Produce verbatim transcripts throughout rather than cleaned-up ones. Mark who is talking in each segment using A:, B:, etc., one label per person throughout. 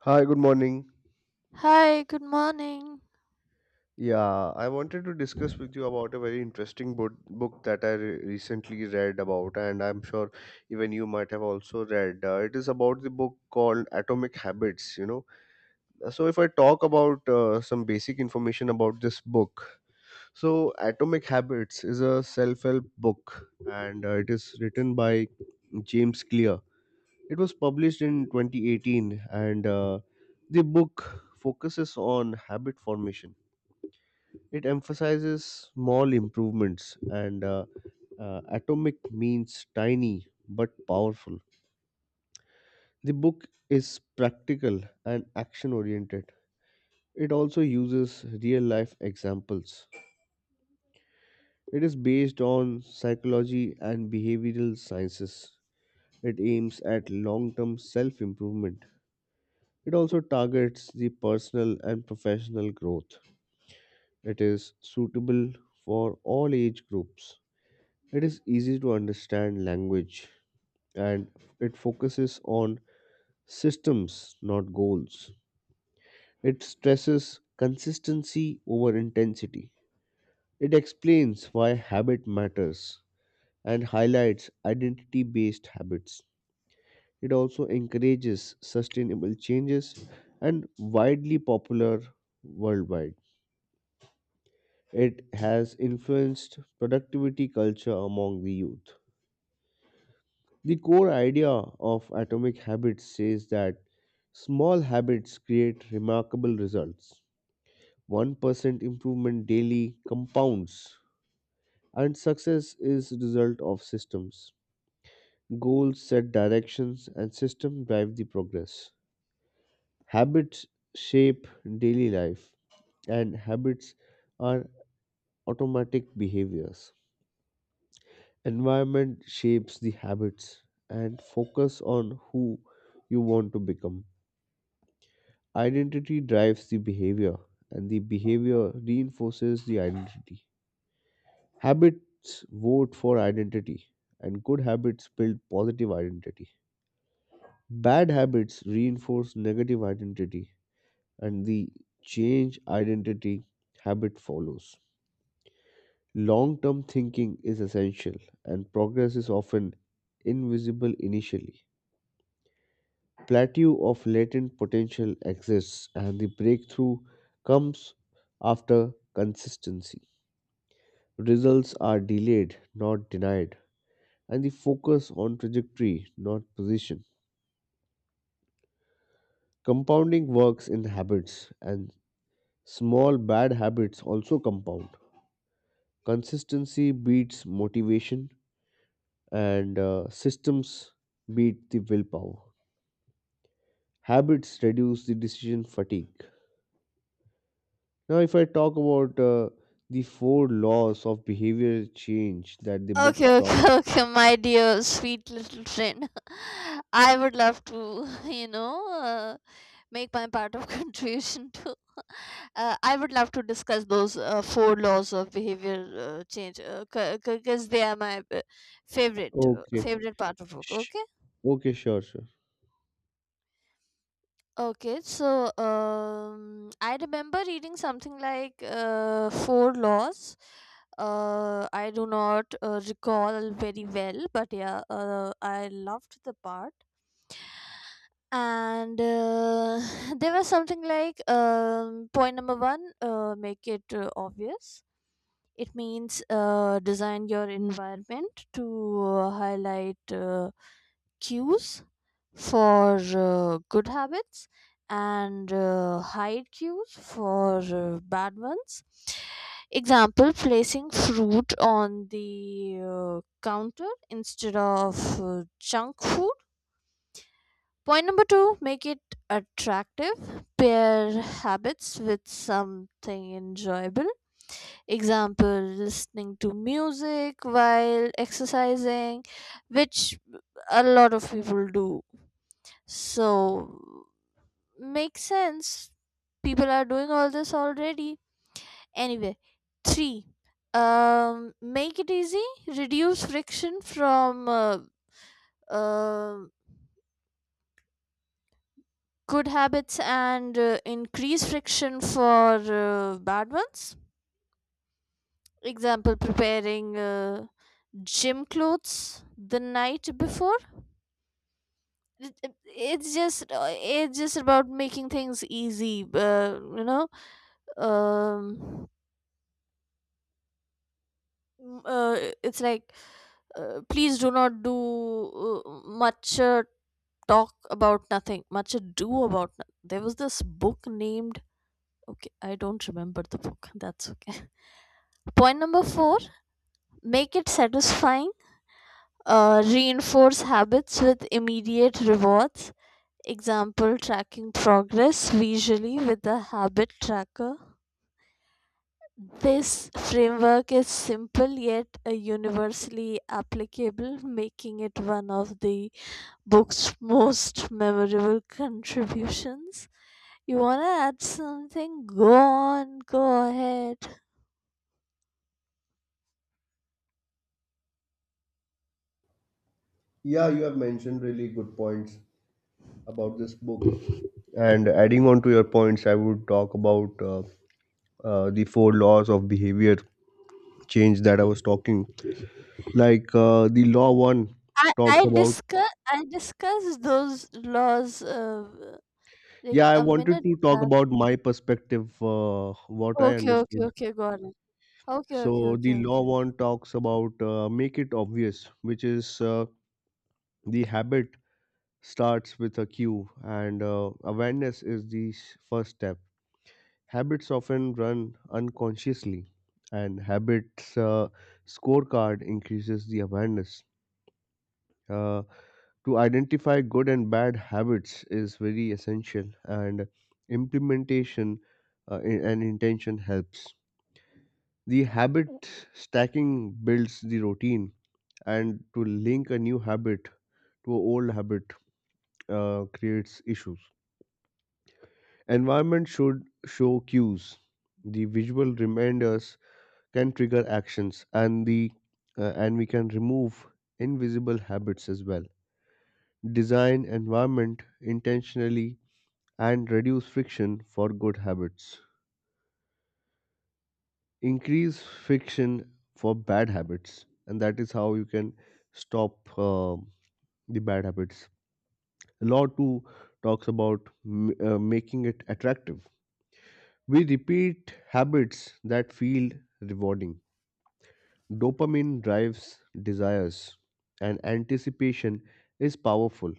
A: Hi, good morning.
B: Hi, good morning.
A: Yeah, I wanted to discuss with you about a very interesting book, book that I re- recently read about, and I'm sure even you might have also read. Uh, it is about the book called Atomic Habits, you know. Uh, So, if I talk about uh, some basic information about this book, so Atomic Habits is a self help book, and uh, it is written by James Clear. It was published in twenty eighteen, and uh, the book focuses on habit formation. It emphasizes small improvements, and uh, uh, atomic means tiny but powerful. The book is practical and action oriented. It also uses real life examples. It is based on psychology and behavioral sciences. It aims at long term self improvement. It also targets the personal and professional growth. It is suitable for all age groups. It is easy to understand language, and it focuses on systems, not goals. It stresses consistency over intensity. It explains why habit matters and highlights identity based habits. It also encourages sustainable changes and widely popular worldwide. It has influenced productivity culture among the youth. The core idea of Atomic Habits says that small habits create remarkable results. one percent improvement daily compounds, and success is result of systems. Goals set directions, and systems drive the progress. Habits shape daily life, and habits are automatic behaviors. Environment shapes the habits and focus on who you want to become. Identity drives the behavior, and the behavior reinforces the identity. Habits vote for identity, and good habits build positive identity. Bad habits reinforce negative identity, and the change identity habit follows. Long term thinking is essential, and progress is often invisible initially. Plateau of latent potential exists, and the breakthrough comes after consistency. Results are delayed, not denied, and the focus on trajectory, not position. Compounding works in habits, and small bad habits also compound. Consistency beats motivation, and uh, systems beat the willpower. Habits reduce the decision fatigue. Now, if I talk about uh, the four laws of behavior change that the books
B: Okay, okay,
A: talk.
B: okay, my dear sweet little friend. I would love to, you know, uh, make my part of contribution to. Uh, I would love to discuss those uh, four laws of behavior uh, change because they are my uh, favorite uh,
A: Okay.
B: favorite part of book.
A: Sh-
B: Okay.
A: Okay, sure, sure.
B: Okay, so um, I remember reading something like uh, four laws. Uh, I do not uh, recall very well, but yeah, uh, I loved the part. And uh, there was something like um, point number one: uh, make it uh, obvious. It means uh, design your environment to uh, highlight uh, cues for uh, good habits and uh, hide cues for uh, bad ones. Example, placing fruit on the uh, counter instead of uh, junk food. Point number two, make it attractive. Pair habits with something enjoyable. Example, listening to music while exercising, which a lot of people do. So makes sense. People are doing all this already. Anyway, three. Um, make it easy. Reduce friction from uh, uh, good habits and uh, increase friction for uh, bad ones. Example: preparing uh, gym clothes the night before. It- it- It's just uh, it's just about making things easy. Uh, you know. Um, m- uh, it's like uh, please do not do uh, much uh, talk about nothing, much ado about no- there was this book named, okay, I don't remember the book. That's okay. Point number four, make it satisfying, uh, reinforce habits with immediate rewards. Example, tracking progress visually with the habit tracker. This framework is simple yet uh, universally applicable, making it one of the book's most memorable contributions. You wanna add something? Go on, go ahead.
A: Yeah, you have mentioned really good points. about this book. And adding on to your points, I would talk about uh, uh, the four laws of behavior change that I was talking. Like uh, the law one
B: I
A: talks
B: I
A: about.
B: discuss I discussed those laws uh,
A: Yeah,
B: like
A: I
B: a
A: wanted
B: minute
A: to talk
B: back.
A: about my perspective, uh, what I
B: Okay, okay,
A: understood.
B: okay, got it. Okay, okay,
A: So
B: okay,
A: the law
B: okay,
A: one
B: okay.
A: talks about uh, make it obvious, which is uh, the habit starts with a cue, and uh, awareness is the s- first step. Habits often run unconsciously, and habits uh, scorecard increases the awareness. Uh, to identify good and bad habits is very essential, and implementation uh, i- and intention helps. The habit stacking builds the routine, and to link a new habit to an old habit uh, creates issues. Environment should show cues. The visual reminders can trigger actions, and the uh, and we can remove invisible habits as well. Design environment intentionally and reduce friction for good habits. Increase friction for bad habits, and that is how you can stop uh, the bad habits. Law two talks about m- uh, making it attractive. We repeat habits that feel rewarding. Dopamine drives desires, and anticipation is powerful.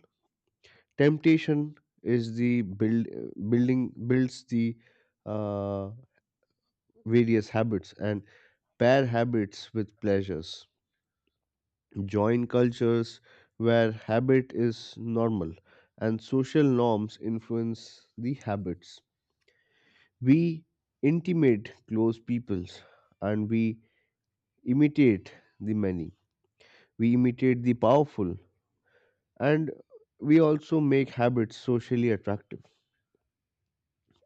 A: Temptation is the build building builds the uh, various habits and pair habits with pleasures. Join cultures where habit is normal, and social norms influence the habits. We intimate close peoples, and we imitate the many. We imitate the powerful, and we also make habits socially attractive.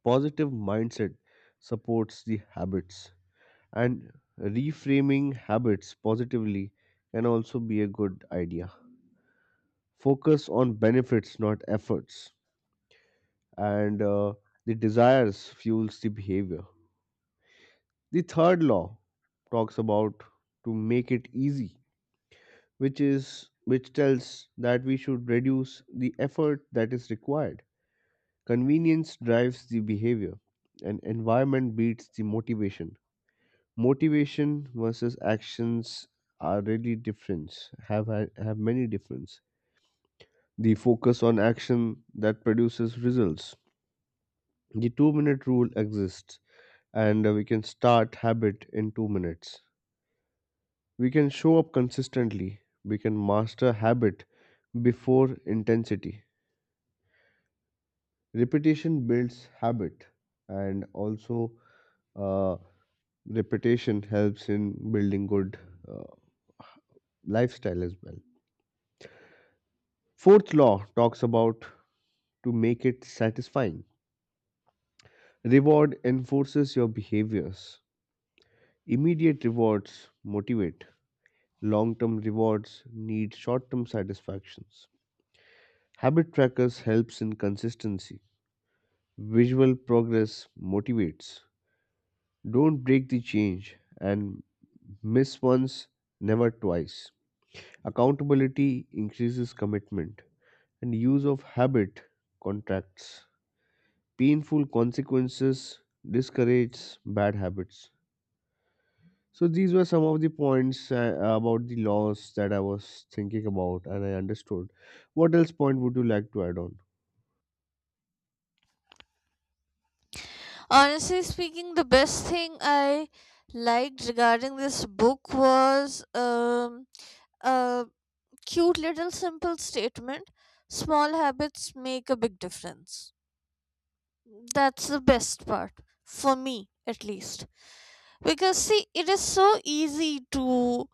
A: Positive mindset supports the habits, and reframing habits positively can also be a good idea. Focus on benefits, not efforts, and uh, the desires fuels the behavior. The third law talks about to make it easy, which is which tells that we should reduce the effort that is required. Convenience drives the behavior, and environment beats the motivation. Motivation versus actions are really different. Have ha- have many difference. The focus on action that produces results. The two minute rule exists, and uh, we can start habit in two minutes. We can show up consistently. We can master habit before intensity. Repetition builds habit, and also. uh, reputation helps in building good uh, lifestyle as well. Fourth law talks about to make it satisfying. Reward enforces your behaviors. Immediate rewards motivate. Long term rewards need short term satisfactions. Habit trackers helps in consistency. Visual progress motivates. Don't break the change and miss once, never twice. Accountability increases commitment. and use of habit contracts. Painful consequences discourage bad habits. So these were some of the points uh, about the laws that I was thinking about and I understood. What else point would you like to add on?
B: Honestly speaking, the best thing I liked regarding this book was um, a cute little simple statement: small habits make a big difference. That's the best part, for me at least. Because, see, it is so easy to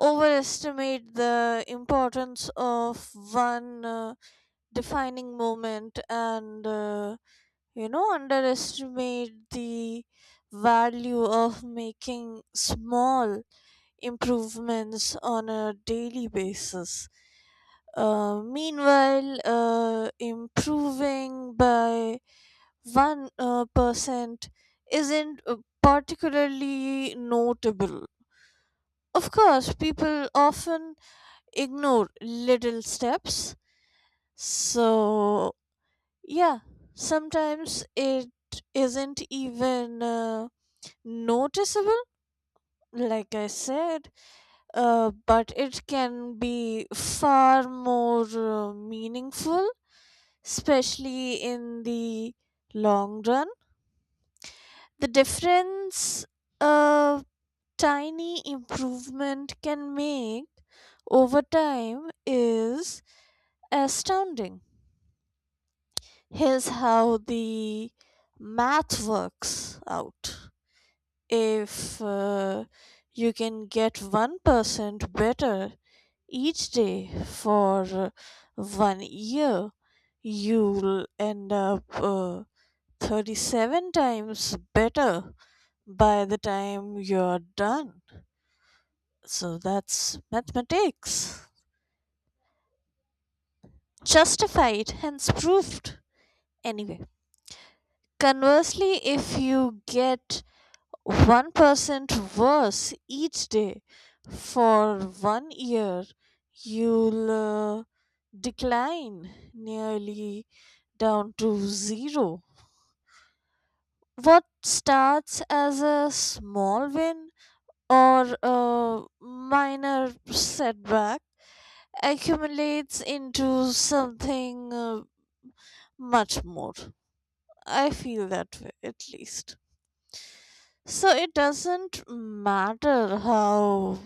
B: overestimate the importance of one uh, defining moment, and uh, you know underestimate the value of making small improvements on a daily basis, uh, meanwhile uh, improving by one uh, percent isn't uh, particularly notable. Of course, people often ignore little steps. So yeah, sometimes it isn't even uh, noticeable, like I said, uh, but it can be far more uh, meaningful, especially in the long run. The difference a tiny improvement can make over time is astounding. Here's how the math works out. If uh, you can get one percent better each day for uh, one year, you'll end up uh, thirty-seven times better by the time you're done. So that's mathematics. Justified, hence proved. Anyway, conversely, if you get one percent worse each day for one year, you'll uh, decline nearly down to zero. What starts as a small win or a minor setback accumulates into something uh, much more. I feel that way at least. So it doesn't matter how,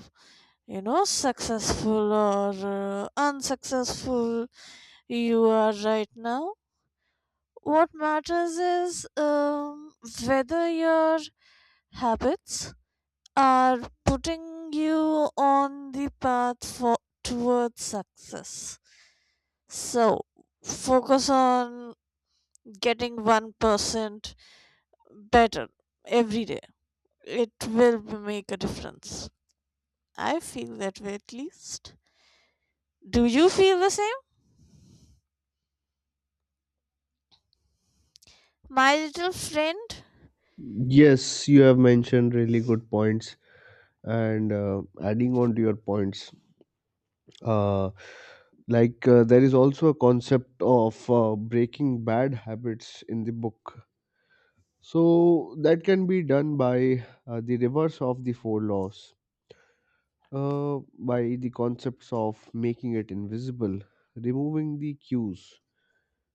B: you know successful or uh, unsuccessful you are right now. What matters is um, whether your habits are putting you on the path for towards success. So focus on getting one percent better every day. It will make a difference. I feel that way at least. Do you feel the same? My little friend?
A: Yes, you have mentioned really good points, and uh, adding on to your points. Uh, like uh, there is also a concept of uh, breaking bad habits in the book. So that can be done by uh, the reverse of the four laws, uh, by the concepts of making it invisible, removing the cues,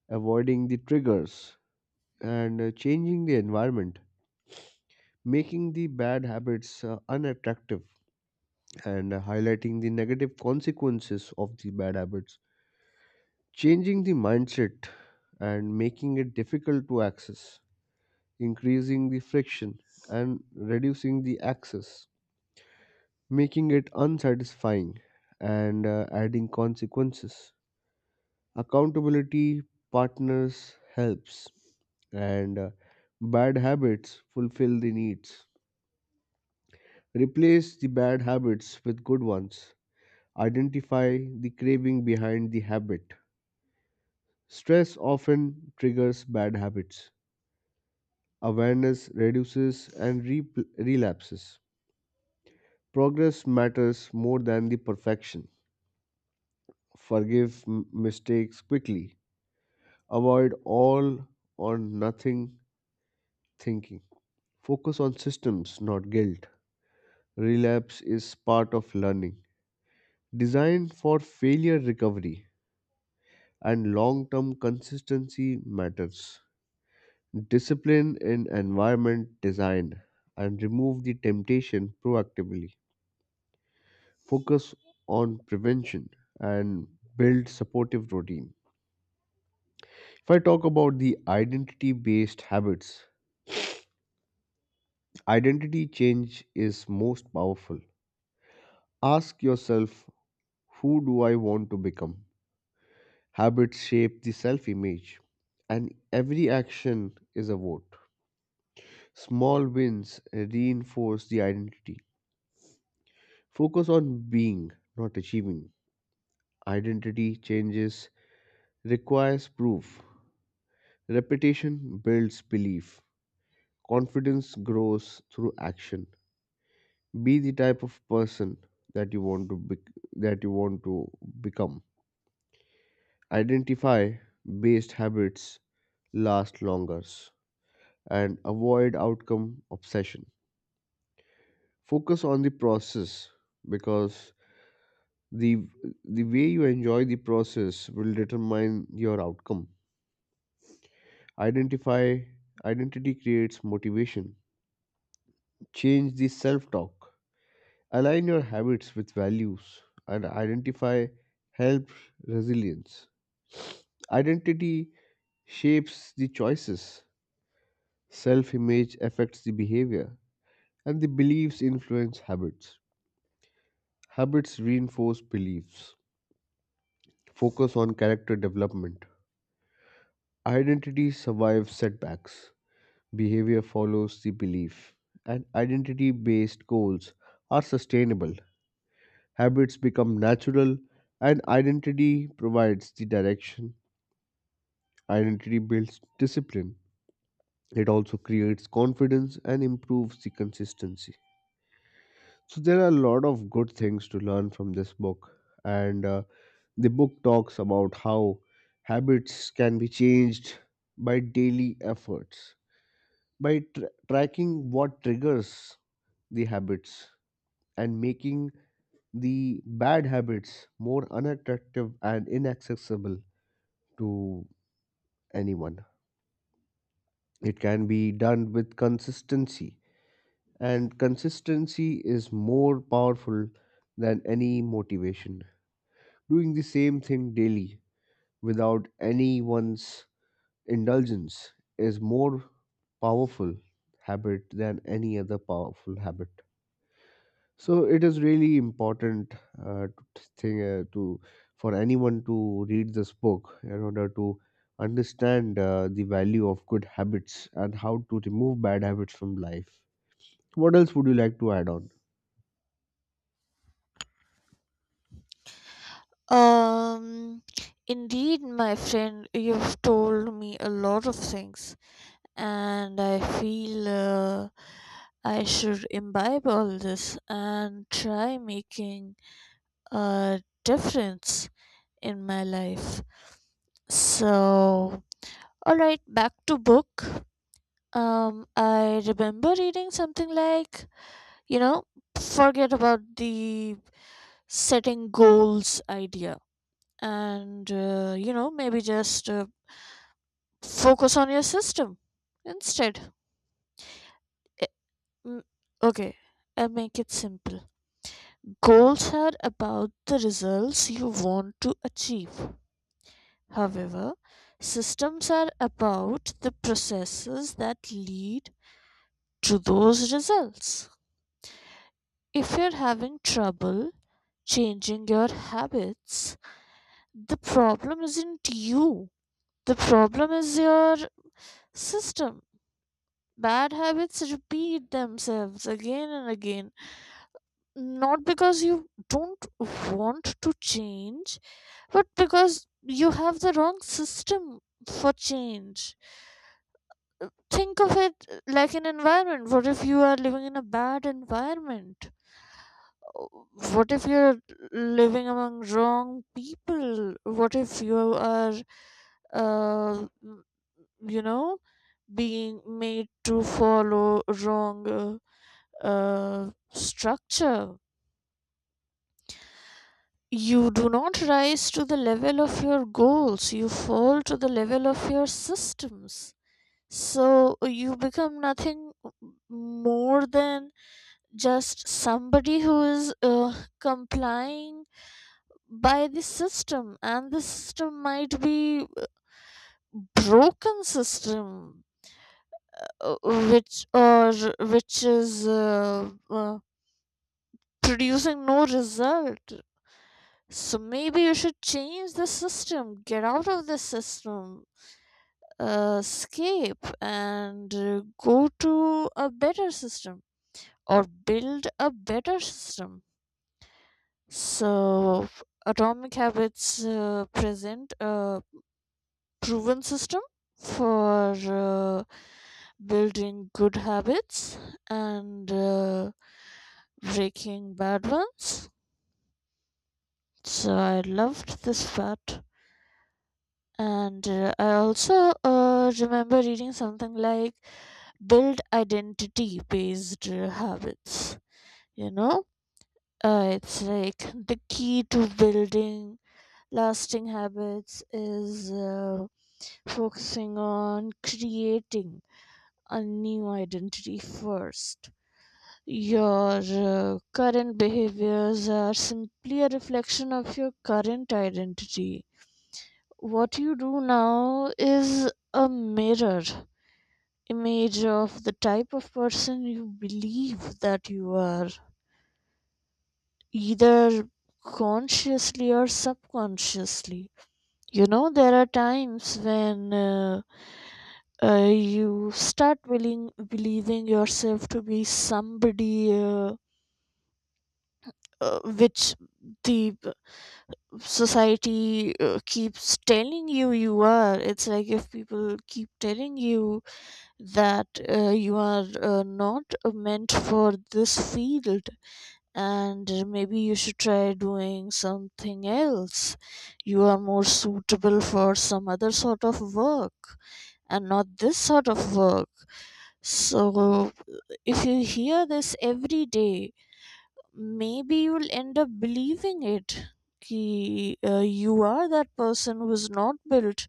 A: avoiding the triggers, and uh, changing the environment, making the bad habits uh, unattractive, and uh, highlighting the negative consequences of the bad habits, changing the mindset, and making it difficult to access, increasing the friction, and reducing the access. Making it unsatisfying and uh, adding consequences. Accountability partners helps, and uh, bad habits fulfill the needs. Replace the bad habits with good ones. Identify the craving behind the habit. Stress often triggers bad habits. Awareness reduces and repl relapses. Progress matters more than the perfection. Forgive m- mistakes quickly. Avoid all or nothing thinking. Focus on systems, not guilt. Relapse is part of learning. Design for failure recovery, and long term consistency matters. Discipline in environment design, and remove the temptation proactively. Focus on prevention and build supportive routine. If I talk about the identity based habits, identity change is most powerful. Ask yourself, who do I want to become? Habits shape the self image, and every action is a vote. Small wins reinforce the identity. Focus on being, not achieving. Identity changes requires proof. Repetition builds belief. Confidence grows through action. Be the type of person that you want to be- that you want to become. Identify based habits last longer and avoid outcome obsession. Focus on the process because the the way you enjoy the process will determine your outcome. Identify identity creates motivation. Change the self-talk. Align your habits with values, and identify help resilience. Identity shapes the choices. Self image affects the behavior, and the beliefs influence habits. Habits reinforce beliefs. Focus on character development. Identity survives setbacks. Behavior follows the belief. And identity based goals are sustainable. Habits become natural, and identity provides the direction. Identity builds discipline. It also creates confidence and improves the consistency. So there are a lot of good things to learn from this book, and uh, the book talks about how habits can be changed by daily efforts, by tr tracking what triggers the habits and making the bad habits more unattractive and inaccessible to anyone. It can be done with consistency, and consistency is more powerful than any motivation. Doing the same thing daily without anyone's indulgence is more powerful habit than any other powerful habit. So it is really important uh, to thing uh, to for anyone to read this book in order to understand uh, the value of good habits and how to remove bad habits from life. What else would you like to add on?
B: Um, Indeed, my friend, you've told me a lot of things, and I feel uh, I should imbibe all this and try making a difference in my life. So, all right, back to book. Um, I remember reading something like, you know, forget about the setting goals idea and, uh, you know maybe just uh, focus on your system instead. Eh, mm, okay, I'll make it simple. Goals are about the results you want to achieve. However, systems are about the processes that lead to those results. If you're having trouble changing your habits, the problem isn't you, the problem is your system. Bad habits repeat themselves again and again, not because you don't want to change, but because you have the wrong system for change. Think of it like an environment. What if you are living in a bad environment? What if you're living among wrong people? What if you are, uh, you know being made to follow wrong uh, uh, structure? You do not rise to the level of your goals, you fall to the level of your systems. So you become nothing more than just somebody who is uh, complying by the system, and the system might be broken system, uh, which or which is uh, uh, producing no result. So maybe you should change the system, get out of the system, uh, escape, and uh, go to a better system or build a better system. So atomic habits uh, present a proven system for uh, building good habits and uh, breaking bad ones. So I loved this part. And uh, I also uh, remember reading something like build identity based habits. You know, uh, it's like the key to building lasting habits is uh, focusing on creating a new identity first. Your uh, current behaviors are simply a reflection of your current identity. What you do now is a mirror image of the type of person you believe that you are, either consciously or subconsciously. You know, there are times when uh, uh, you start willing, believing yourself to be somebody uh, uh, which the uh, society uh, keeps telling you you are. It's like, if people keep telling you that uh, you are uh, not uh, meant for this field and maybe you should try doing something else, you are more suitable for some other sort of work and not this sort of work. So, if you hear this every day, maybe you'll end up believing it. Ki, uh, you are that person who is not built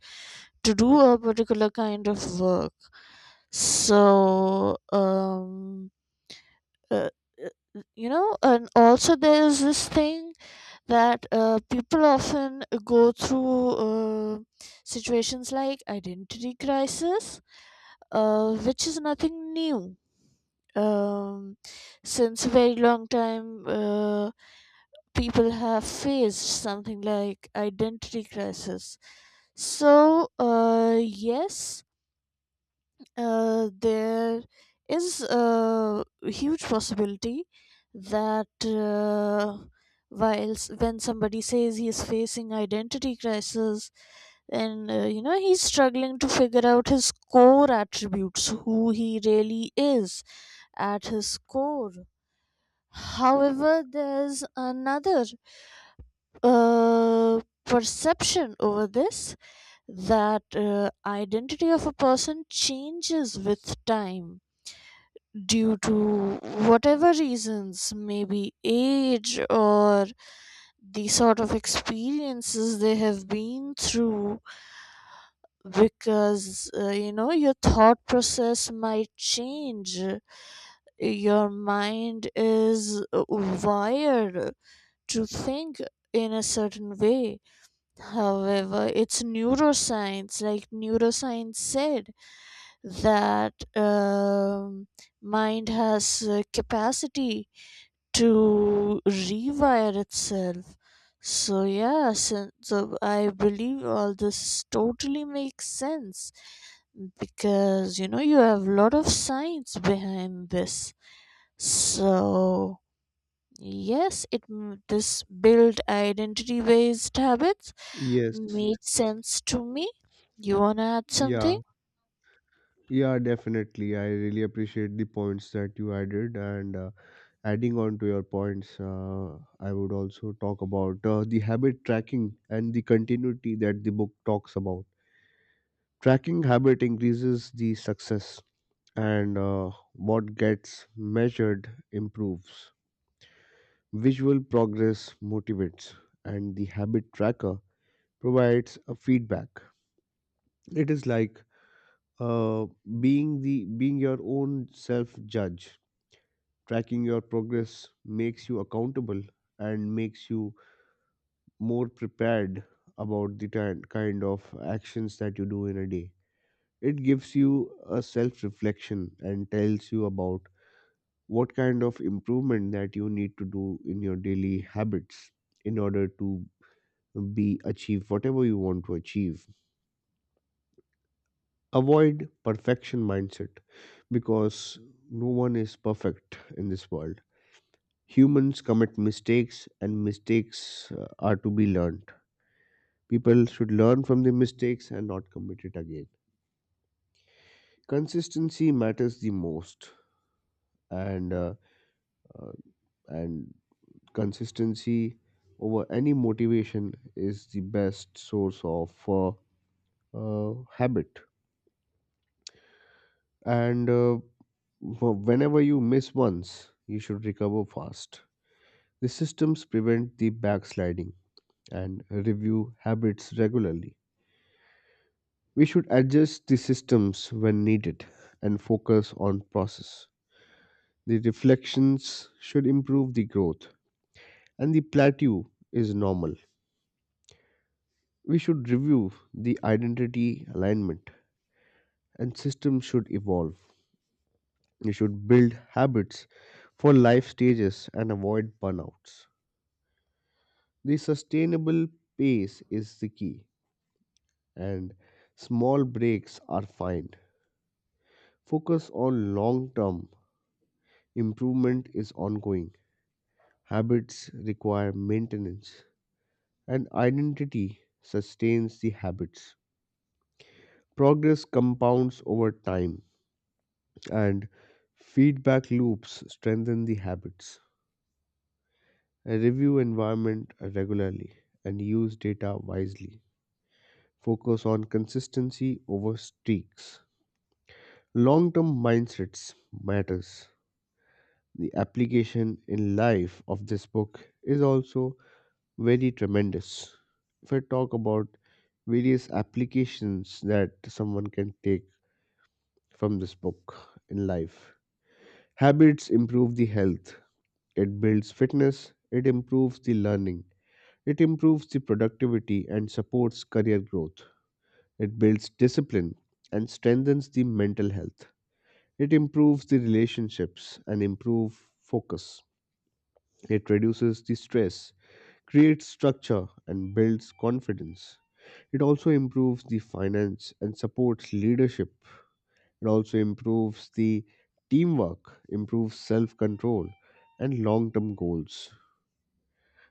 B: to do a particular kind of work. So, um, uh, uh, you know, and also there is this thing that uh, people often go through uh, situations like identity crisis, uh, which is nothing new. um, since a very long time, uh, people have faced something like identity crisis. So uh, yes, uh, there is a huge possibility that uh, whilst when somebody says he is facing identity crisis, and, uh, you know he's struggling to figure out his core attributes, who he really is at his core. However, there's another uh, perception over this that uh, identity of a person changes with time due to whatever reasons, maybe age or the sort of experiences they have been through, because, uh, you know your thought process might change. Your mind is uh, wired to think in a certain way. However, it's neuroscience, like neuroscience said, that um, mind has uh, capacity to rewire itself. So yeah, so, so I believe all this totally makes sense, because you know you have a lot of science behind this. So yes, it m- this build identity based habits
A: Yes.
B: makes sense to me. You wanna add
A: Yeah.
B: something?
A: Yeah, definitely. I really appreciate the points that you added, and uh, Adding on to your points. uh, I would also talk about uh, the habit tracking and the continuity that the book talks about. Tracking habit increases the success, and uh, what gets measured improves. Visual progress motivates, and the habit tracker provides a feedback. It is like uh, being the being your own self judge. Tracking your progress makes you accountable and makes you more prepared about the ti- kind of actions that you do in a day. It gives you a self reflection and tells you about what kind of improvement that you need to do in your daily habits in order to be achieve whatever you want to achieve. Avoid perfection mindset, because no one is perfect in this world. Humans commit mistakes, and mistakes uh, are to be learned. People should learn from the mistakes and not commit it again. Consistency matters the most, and uh, uh, and consistency over any motivation is the best source of uh, uh, habit, and uh, wh- whenever you miss once you should recover fast. The systems prevent the backsliding, and review habits regularly. We should adjust the systems when needed and focus on process. The reflections should improve the growth, and the plateau is normal. We should review the identity alignment, and systems should evolve. We should build habits for life stages and avoid burnouts. The sustainable pace is the key, and small breaks are fine. Focus on long term improvement is ongoing. Habits require maintenance, and identity sustains the habits. Progress compounds over time, and feedback loops strengthen the habits. I review environment regularly and use data wisely. Focus on consistency over streaks. Long-term mindsets matters. The application in life of this book is also very tremendous. If I talk about various applications that someone can take from this book in life. Habits improve the health. It builds fitness, it improves the learning, it improves the productivity and supports career growth. It builds discipline and strengthens the mental health. It improves the relationships and improve focus. It reduces the stress, creates structure, and builds confidence. It also improves the finance and supports leadership. It also improves the teamwork, improves self control, and long term goals.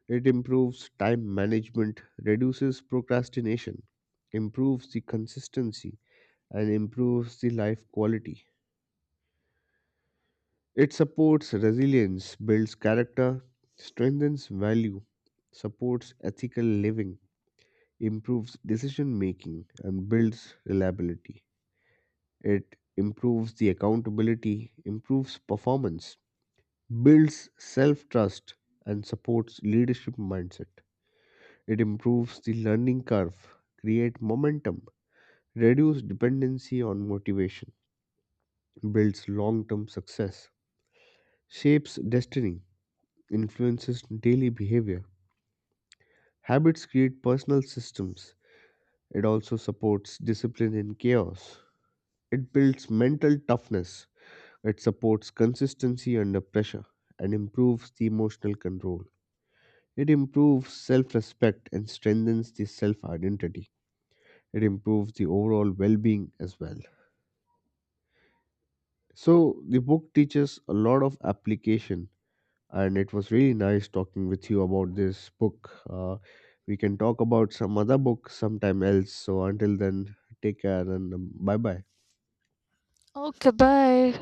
A: It improves time management, reduces procrastination, improves the consistency, and improves the life quality. It supports resilience, builds character, strengthens value, supports ethical living, improves decision making, and builds reliability. It improves the accountability, improves performance, builds self trust, and supports leadership mindset. It improves the learning curve, create momentum, reduce dependency on motivation, builds long-term success, shapes destiny, influences daily behavior. Habits create personal systems. It also supports discipline in chaos. It builds mental toughness. It supports consistency under pressure and improves the emotional control. It improves self respect and strengthens the self identity. It improves the overall well being as well. So the book teaches a lot of application, and it was really nice talking with you about this book. Uh, we can talk about some other book sometime else. So until then, take care and bye bye.
B: Okay, bye.